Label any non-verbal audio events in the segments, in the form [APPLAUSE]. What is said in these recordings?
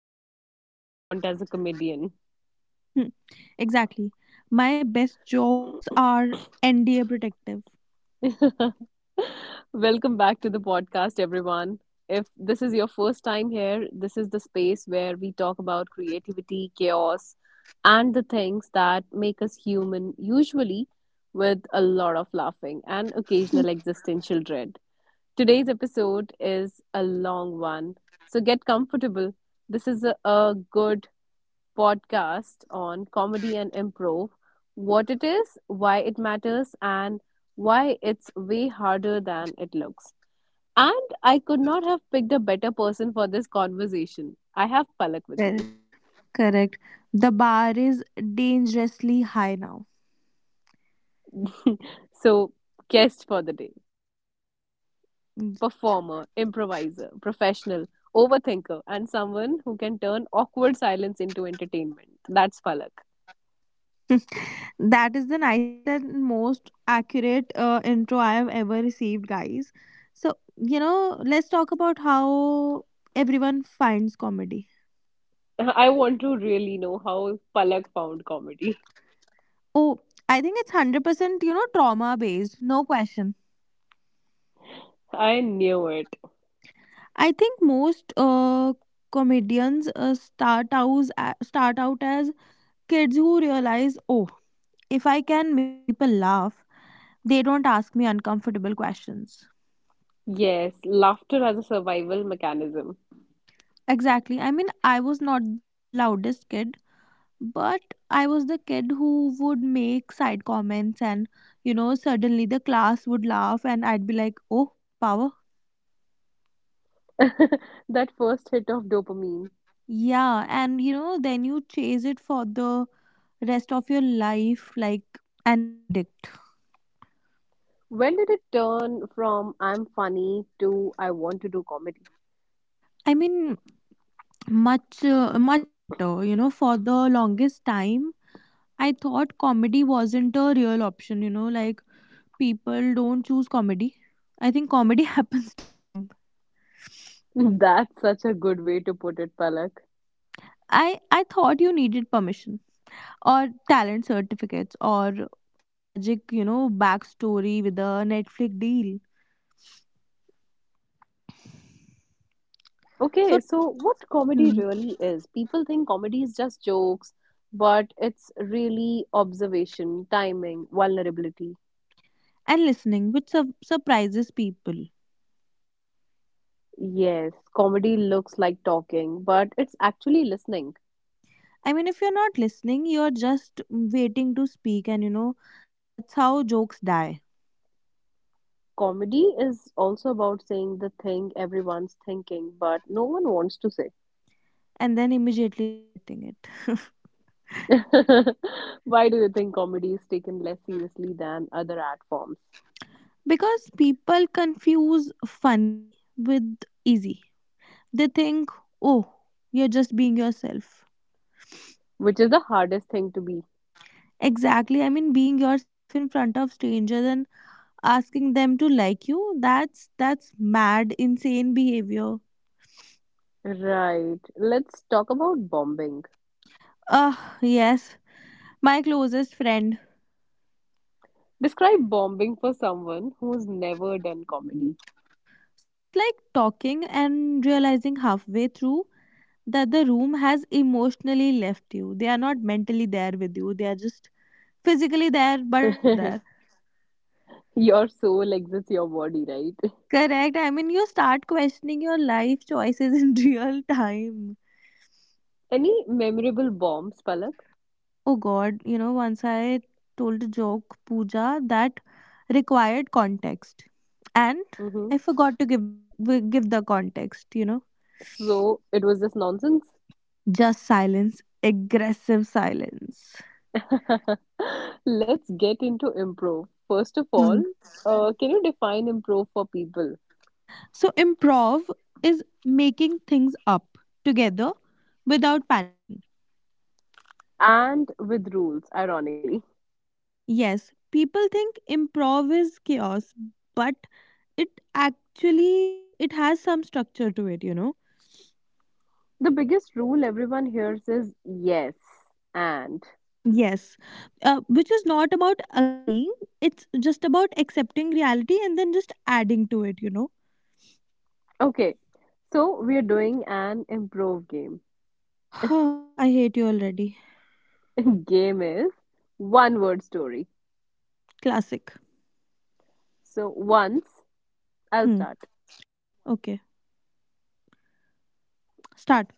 opposite of what you want as a comedian. Hmm, exactly. My best jokes are NDA protective. [LAUGHS] Welcome back to the podcast, everyone. If this is your first time here, this is the space where we talk about creativity, chaos, and the things that make us human, usually with a lot of laughing and occasional existential dread. Today's episode is a long one, so get comfortable. This is a good podcast on comedy and improv, what it is, why it matters, and why it's way harder than it looks. And I could not have picked a better person for this conversation. I have Palak with me. Correct. Correct. The bar is dangerously high now. [LAUGHS] So, guest for the day performer, improviser, Yes. professional, overthinker, and someone who can turn awkward silence into entertainment. That's Palak. That is the nicest and most accurate intro I have ever received, guys. So, you know, let's talk about how everyone finds comedy. I want to really know how Palak found comedy. Oh, I think it's 100%, you know, trauma based. No question. [LAUGHS] I knew it. I think most comedians start out as kids who realize, oh, if I can make people laugh, they don't ask me uncomfortable questions. Yes, laughter as a survival mechanism. Exactly. I mean, I was not the loudest kid, but I was the kid who would make side comments, and you know, suddenly the class would laugh, and I'd be like, oh, power. [LAUGHS] That first hit of dopamine. Yeah, and you know, then you chase it for the rest of your life like an addict. When did it turn from I'm funny to I want to do comedy? I mean, much later, you know, for the longest time, I thought comedy wasn't a real option, you know, like people don't choose comedy. I think comedy [LAUGHS] happens to them. [LAUGHS] That's such a good way to put it, Palak. I thought you needed permission or talent certificates or a tragic, you know, backstory with a Netflix deal. Okay, so So what comedy mm, really is? People think comedy is just jokes, but it's really observation, timing, vulnerability. and listening, which surprises people. Yes, comedy looks like talking, but it's actually listening. I mean, if you're not listening, you're just waiting to speak, and you know, that's how jokes die Comedy is also about saying the thing everyone's thinking, but no one wants to say. and then immediately regretting it. [LAUGHS] Why do you think comedy is taken less seriously than other art forms? Because people confuse funny with easy. They think, oh, you're just being yourself. Which is the hardest thing to be. Exactly. I mean being yourself in front of strangers and asking them to like you, that's mad, insane behavior. Right. Let's talk about bombing. Uh yes. My closest friend. Describe bombing for someone who's never done comedy. So it's like talking and realizing halfway through that the room has emotionally left you. They are not mentally there with you. They are just physically there but not there. [LAUGHS] Your soul exits your body, right? Correct. I mean, you start questioning your life choices in [LAUGHS] real time. Any memorable bombs, Palak? Oh God, you know, once I told a joke, Pooja, that required context, and Hmm. I forgot to give the context. You know, So it was just nonsense. just silence, aggressive silence. [LAUGHS] Let's get into improv. First of all, Hmm. Can you define improv for people? So improv is making things up together without panicking. And with rules, ironically. Yes, people think improv is chaos, but it actually mm, it has some structure to it, you know. The biggest rule everyone hears is yes and. Yes, which is not about agreeing, it's just about accepting reality and then just adding to it, you know. Okay, so we are doing an improv game. [SIGHS] I hate you already. [LAUGHS] Game is one word story. Classic. So once I'll Hmm, start. okay. Start.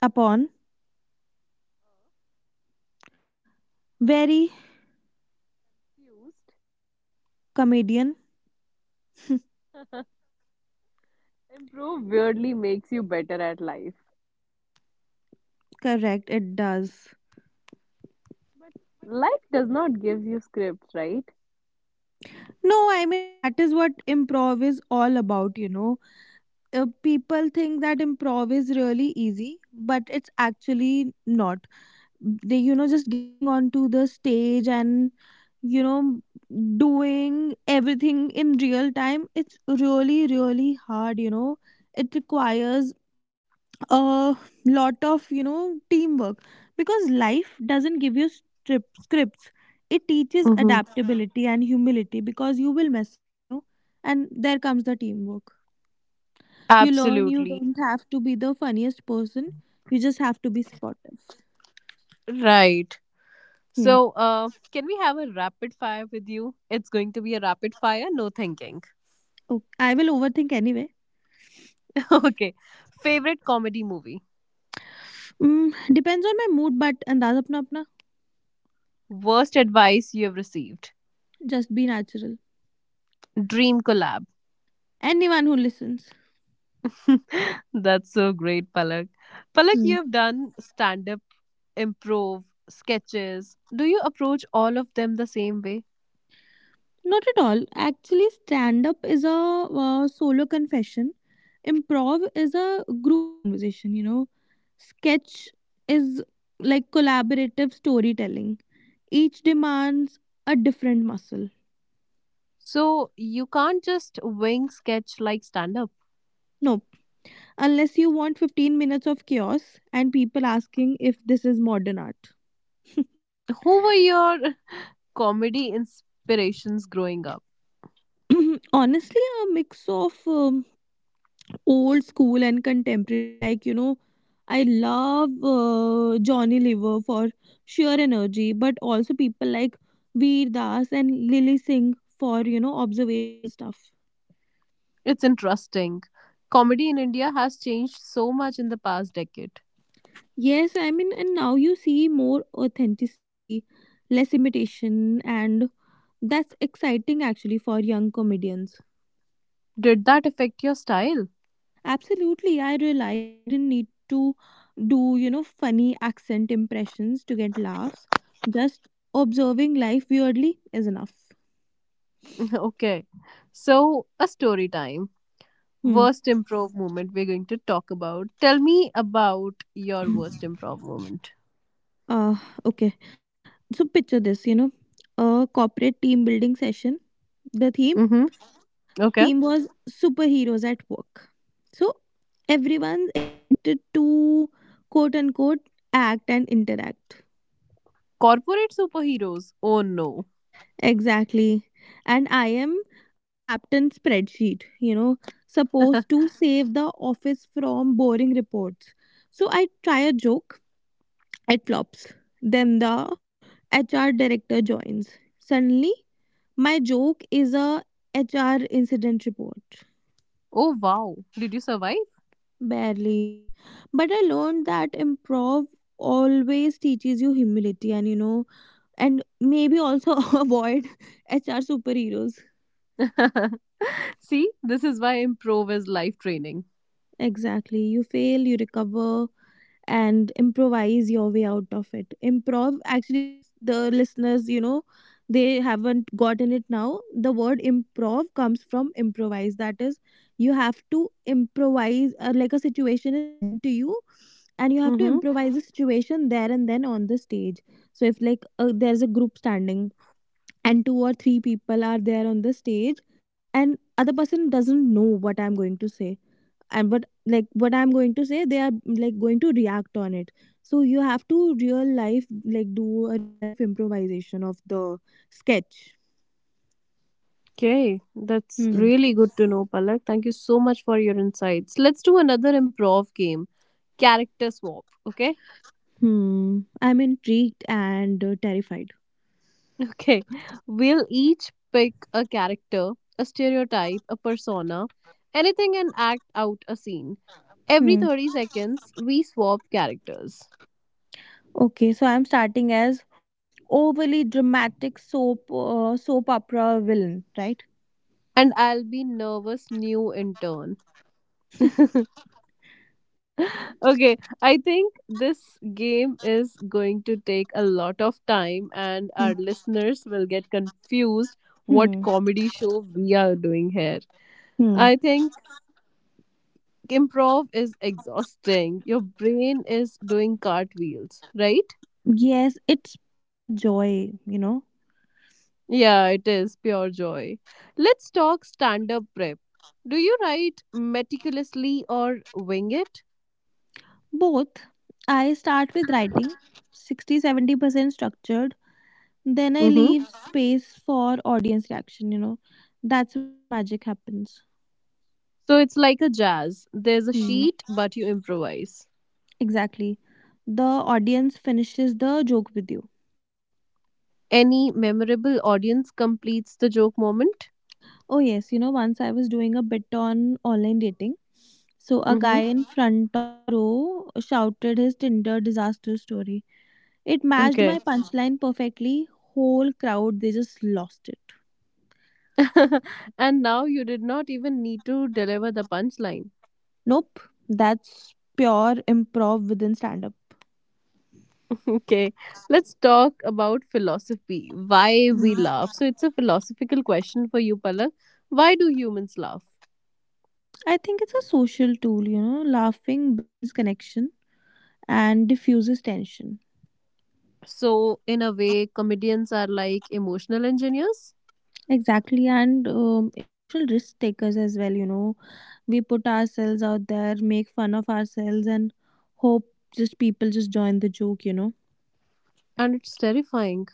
Upon. Very. Confused. Comedian. [LAUGHS] Improve weirdly makes you better at life. Correct, it does. But life does not give you scripts, right? No, I mean that is what improv is all about, you know. People think that improv is really easy, but it's actually not. They, you know, just getting onto the stage and, you know, doing everything in real time, it's really really hard, you know. It requires a lot of, you know, teamwork, because life doesn't give you scripts. It teaches Mm-hmm. adaptability and humility, because you will mess up, you know. And there comes the teamwork. You learn you Absolutely. don't have to be the funniest person, you just have to be supportive. Right. Hmm. So, can we have a rapid fire with you? It's going to be a rapid fire, no thinking. Okay, I will overthink anyway. [LAUGHS] Okay. Favorite comedy movie? Mm, depends on my mood, but and that's apna apna. Worst advice you have received? Just be natural. Dream collab. Anyone who listens. [LAUGHS] That's so great, Palak. Palak, Mm. you have done stand up, improv, sketches. Do you approach all of them the same way? Not at all. Actually, stand up is a solo confession. Improv is a group conversation. You know, sketch is like collaborative storytelling. Each demands a different muscle. So, you can't just wing sketch like stand up. No, unless you want 15 minutes of chaos and people asking if this is modern art. [COUGHS] Who were your [LAUGHS] comedy inspirations growing up? [CLEARS THROAT] Honestly, a mix of old school and contemporary, like, you know, I love Johnny Lever for sheer energy, but also people like Veer Das and Lily Singh for, you know, observational stuff. It's interesting. Comedy in India has changed so much in the past decade. Yes, I mean, and now you see more authenticity, less imitation, and that's exciting actually for young comedians. Did that affect your style? Absolutely. Yeah, I realized I didn't need to do, you know, funny accent impressions to get laughs. Just observing life weirdly is enough. [LAUGHS] Okay. So, a story time. Hmm. Worst improv moment we're going to talk about. Tell me about your worst [CLEARS THROAT] improv moment. Uh, okay. So picture this, you know, a corporate team building session. The Mm-hmm. Okay. theme was superheroes at work. So everyone's expected to quote unquote act and interact. Corporate superheroes. Oh no. Exactly. And I am a captain spreadsheet, you know, supposed [LAUGHS] to save the office from boring reports. So I try a joke, it flops. Then the HR director joins. Suddenly, my joke is a HR incident report. Oh wow. Did you survive? Barely. But I learned that improv always teaches you humility, and, you know, and maybe also [LAUGHS] avoid HR superheroes. [LAUGHS] See, this is why improv is life training. Exactly. You fail, you recover, and improvise your way out of it. Improv, actually, if the listeners, you know, they haven't gotten it now, the word improv comes from improvise. That is, you have to improvise, like a situation is given to you, and you have to Mm-hmm. improvise the situation there and then on the stage. So, if like there's a group standing, and two or three people are there on the stage, and other person doesn't know what I'm going to say, and but like what I'm going to say they are like going to react on it, so you have to real life like do a real life improvisation of the sketch. Okay, that's Hmm. really good to know, Palak. Thank you so much for your insights. Let's do another improv game, character swap. Okay, Hmm, I'm intrigued and terrified. [LAUGHS] okay. We'll each pick a character, a stereotype, a persona, anything, and act out a scene. Every Hmm. 30 seconds, we swap characters, Okay, so I'm starting as overly dramatic soap opera villain, right? and I'll be nervous new in turn. [LAUGHS] Okay. Okay, I think this game is going to take a lot of time, and our Hmm. listeners will get confused what Hmm. comedy show we are doing here. Hmm. I think improv is exhausting. Your brain is doing cartwheels, right? Yes, it's pure joy, you know. Yeah, it is pure joy. Let's talk stand up prep. Do you write meticulously or wing it? Both. I start with writing 60, 70% structured. Then I Mm-hmm. leave space for audience reaction, you know. That's where the magic happens. So it's like a jazz. There's a Hmm, sheet, but you improvise. exactly. The audience finishes the joke with you. Any memorable audience completes the joke moment? Oh, yes, you know, once I was doing a bit on online dating. So a guy Mm-hmm. in front of the row shouted his Tinder disaster story. It matched my Okay. punchline perfectly. Whole crowd, they just lost it. [LAUGHS] And now you did not even need to deliver the punchline. [LAUGHS] Nope, that's pure improv within stand up. Okay. Let's talk about philosophy. Why we laugh. So it's a philosophical question for you, Palak. Why do humans laugh? I think it's a social tool, you know, laughing builds connection and diffuses tension. So, in a way, comedians are like emotional engineers, Exactly, and emotional risk takers as well, you know. We put ourselves out there, make fun of ourselves, and hope just people just join the joke, you know. and it's terrifying.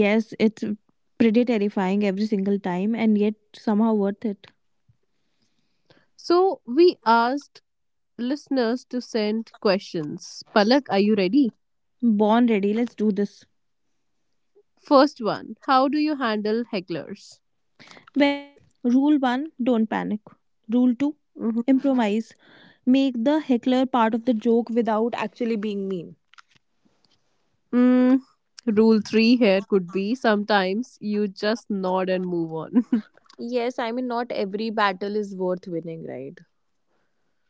Yes, it's pretty terrifying every single time, and yet somehow worth it. So, we asked listeners to send questions. Palak, are you ready? Born ready, let's do this. First one, how do you handle hecklers? Well, rule 1, don't panic. Rule 2, Mhm. improvise. Make the heckler part of the joke without actually being mean. Mm, rule three here could be sometimes you just nod and move on. [LAUGHS] Yes, I mean, not every battle is worth winning, right?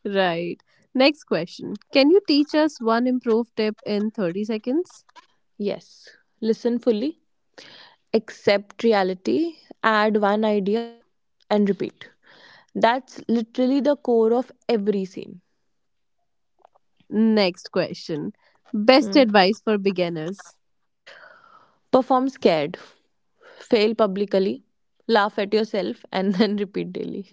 Right. Next question. Can you teach us one improve tip in 30 seconds? Yes. Listen fully, accept reality, add one idea, and repeat. That's literally the core of every scene. Next question. Best Hmm. advice for beginners. Perform scared, fail publicly, laugh at yourself, and then [LAUGHS] repeat daily.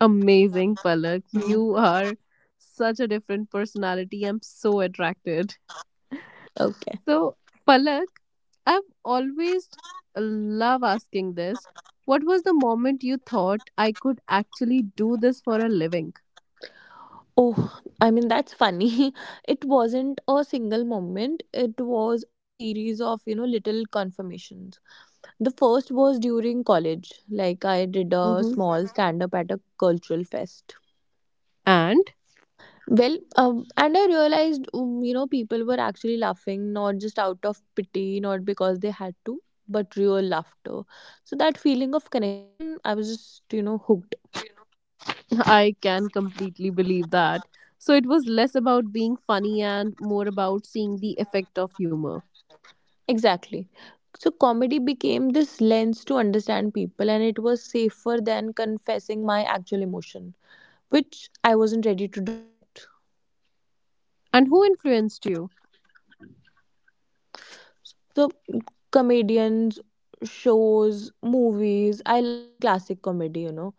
Amazing, Palak. Hmm. You are such a different personality. I'm so attracted. Okay. So, Palak, I've always love asking this. What was the moment you thought I could actually do this for a living? Oh, I mean, that's funny. [LAUGHS] It wasn't a single moment, it was a series of, you know, little confirmations. The first was during college. Like, I did a Mm-hmm. small stand up at a cultural fest. And Well, and I realized, you know, people were actually laughing, not just out of pity, not because they had to, but real laughter. So that feeling of connection, I was just, you know, hooked. [LAUGHS] I can completely believe that. So it was less about being funny and more about seeing the effect of humor. Exactly. So comedy became this lens to understand people, and it was safer than confessing my actual emotion, which I wasn't ready to do yet. And who influenced you? So, comedians, shows, movies, I loved classic comedy, you know,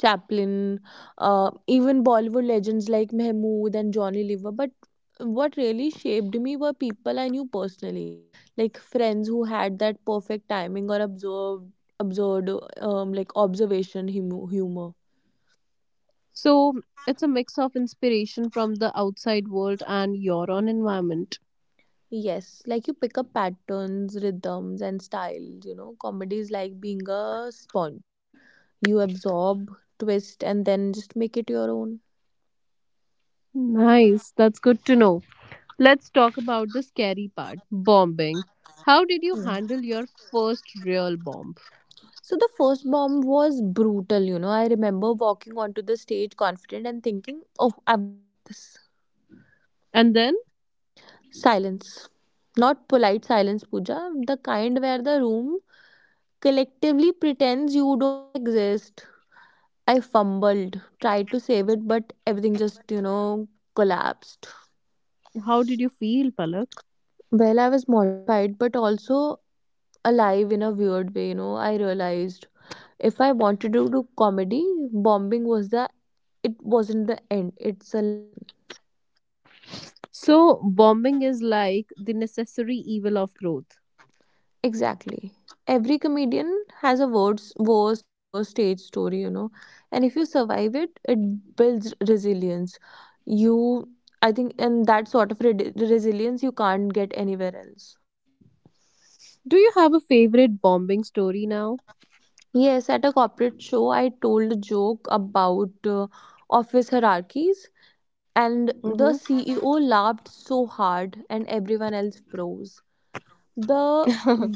Chaplin, even Bollywood legends like Mahmood and Johnny Lever. But what really shaped me were people I knew personally, like friends who had that perfect timing or observed, absurd, like observation humor. So it's a mix of inspiration from the outside world and your own environment. Yes, like you pick up patterns, rhythms, and styles. You know, comedy is like being a sponge. You absorb, twist, and then just make it your own. Nice. That's good to know. Let's talk about the scary part bombing. How did you handle your first real bomb? So the first bomb was brutal, you know. I remember walking onto the stage confident and thinking, oh, I've got this. And then, Silence. Not polite silence, Pooja. The kind where the room collectively pretends you don't exist. I fumbled, tried to save it, but everything just, you know, collapsed. how did you feel, Palak? Well, I was mortified, but also alive in a weird way, you know. I realized if I wanted to do comedy, bombing was the, it wasn't the end, it's a lesson. So, bombing is like the necessary evil of growth. Exactly. Every comedian has a worst stage story, you know. And if you survive it, it builds resilience. You, I think, and that sort of resilience you can't get anywhere else. Do you have a favorite bombing story now? Yes, at a corporate show, I told a joke about office hierarchies, and the Mm-hmm. CEO laughed so hard, and everyone else froze. The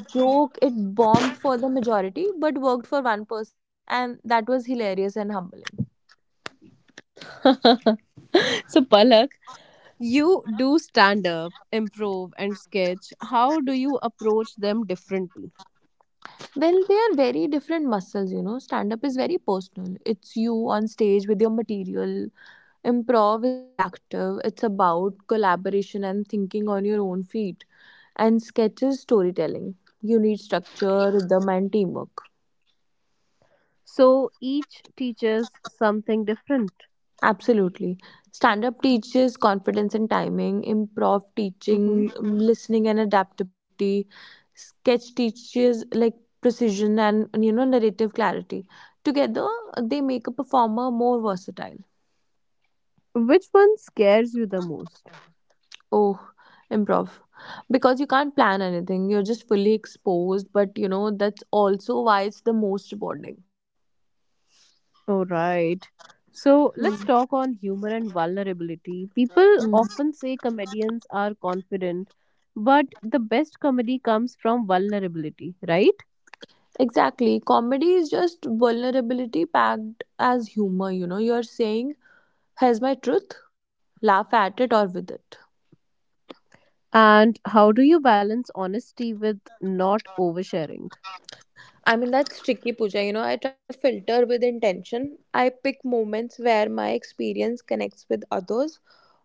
joke, it bombed for the majority but worked for one person, and that was hilarious and humbling. [LAUGHS] So, Palak, you do stand up, improv, and sketch. How do you approach them differently? Well, they are very different muscles, you know. Stand up is very personal. It's you on stage with your material. Improv is reactive. It's about collaboration and thinking on your own feet. And sketch is storytelling. You need structure, rhythm and teamwork. So, each teaches something different. Absolutely. Stand up teaches confidence and timing, improv Mhm. teaching, listening and adaptability, sketch teaches like precision and, you know, narrative clarity. Together they make a performer more versatile. Which one scares you the most? Oh, improv. Because you can't plan anything, you're just fully exposed, but you know that's also why it's the most rewarding. All right. So let's Hmm. talk on humor and vulnerability. People Hmm. often say comedians are confident, but the best comedy comes from vulnerability, right? Exactly. Comedy is just vulnerability packed as humor, you know. You're saying, here's my truth, laugh at it or with it. And how do you balance honesty with not oversharing? I mean, that's tricky, Pooja. You know, I try to filter with intention. I pick moments where my experience connects with others,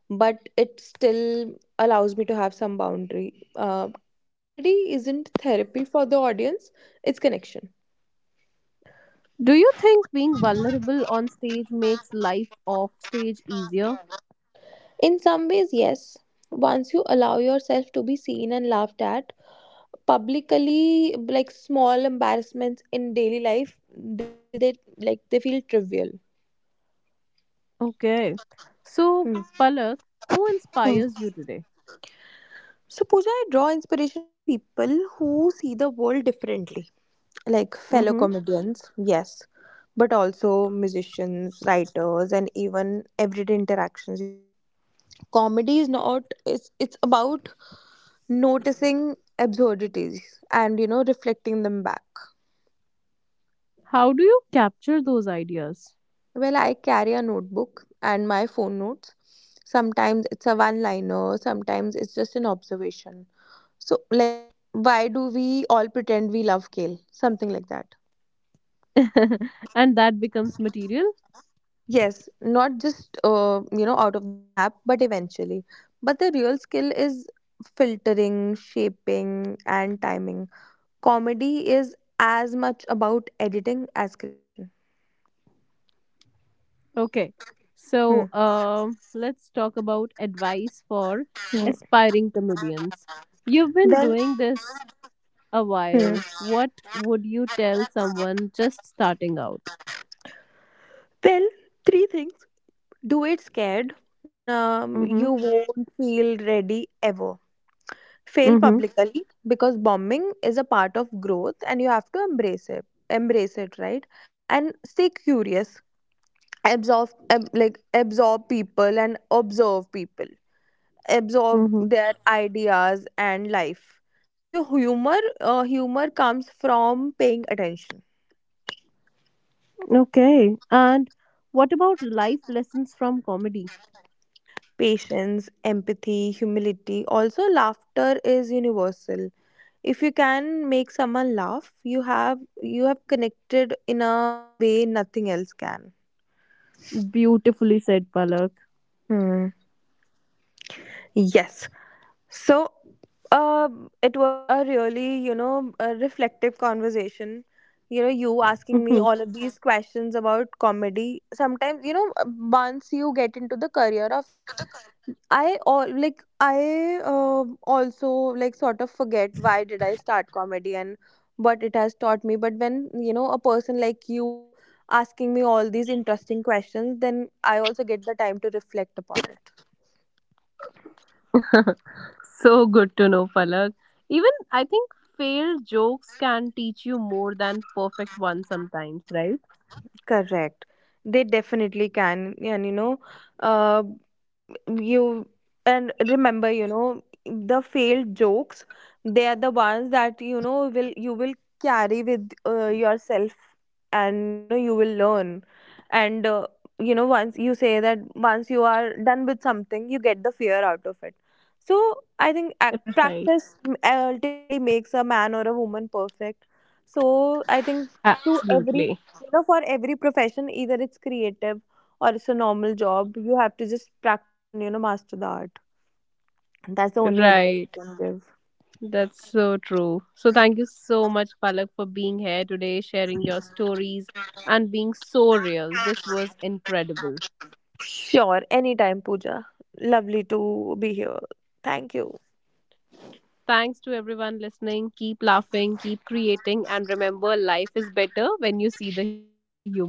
but it still allows me to have some boundary. Comedy isn't therapy for the audience, it's connection. Do you think being vulnerable on stage makes life off stage easier? In some ways, yes. Once you allow yourself to be seen and laughed at publicly, like small embarrassments in daily life, they feel that like they feel trivial. Okay. So, Hmm. Palak, who inspires you today? So, Pooja, I draw inspiration from people who see the world differently, like fellow Mm-hmm. comedians, yes, but also musicians, writers, and even everyday interactions. You know, comedy is not it's about noticing absurdities and, you know, reflecting them back. How do you capture those ideas? Well, I carry a notebook and my phone notes. Sometimes it's a one liner, sometimes it's just an observation. So, like, why do we all pretend we love kale? Something like that. [LAUGHS] And that becomes material. Yes, not just you know, out of the snap, but eventually. But the real skill is filtering, shaping, and timing. Comedy is as much about editing as creation. Okay. Hmm. So let's talk about advice for aspiring comedians. You've been doing this a while. What would you tell someone just starting out? Well, three things. Do it scared. Mm-hmm. You won't feel ready ever. Fail Mm-hmm. publicly because bombing is a part of growth and you have to embrace it. Embrace it, right? And stay curious. Like absorb people and observe people, absorb their Mm-hmm. ideas and life, so humor humor comes from paying attention. Okay. And what about life lessons from comedy? Patience, empathy, humility, also laughter is universal. If you can make someone laugh, you have connected in a way nothing else can. Beautifully said, Palak. Hmm. Yes. So, it was a really, you know, a reflective conversation. You know, you asking me Mm-hmm. all of these questions about comedy. Sometimes, you know, once you get into the career of it, I all like I also like sort of forget why did I start comedy and what it has taught me. But when you know a person like you asking me all these interesting questions, then I also get the time to reflect upon it. [LAUGHS] So good to know, Palak. Even I think failed jokes can teach you more than perfect ones sometimes, right? Correct. They definitely can. And you know, uh, you and remember, you know, the failed jokes, they are the ones that, you know, will you will carry with yourself, and you know you will learn, and you know, once you say that, once you are done with something, you get the fear out of it. So I think, Right. practice ultimately makes a man or a woman perfect. So I think, to every, Absolutely. you know, for every profession, either it's creative or it's a normal job, you have to just practice and, you know, master the art. That's the only advice Right. I can give. That's so true. So thank you so much, Palak, for being here today, sharing your stories and being so real. This was incredible. Sure, anytime, Pooja. Lovely to be here. Thank you. Thanks to everyone listening. Keep laughing, keep creating, and remember life is better when you see the humor in it.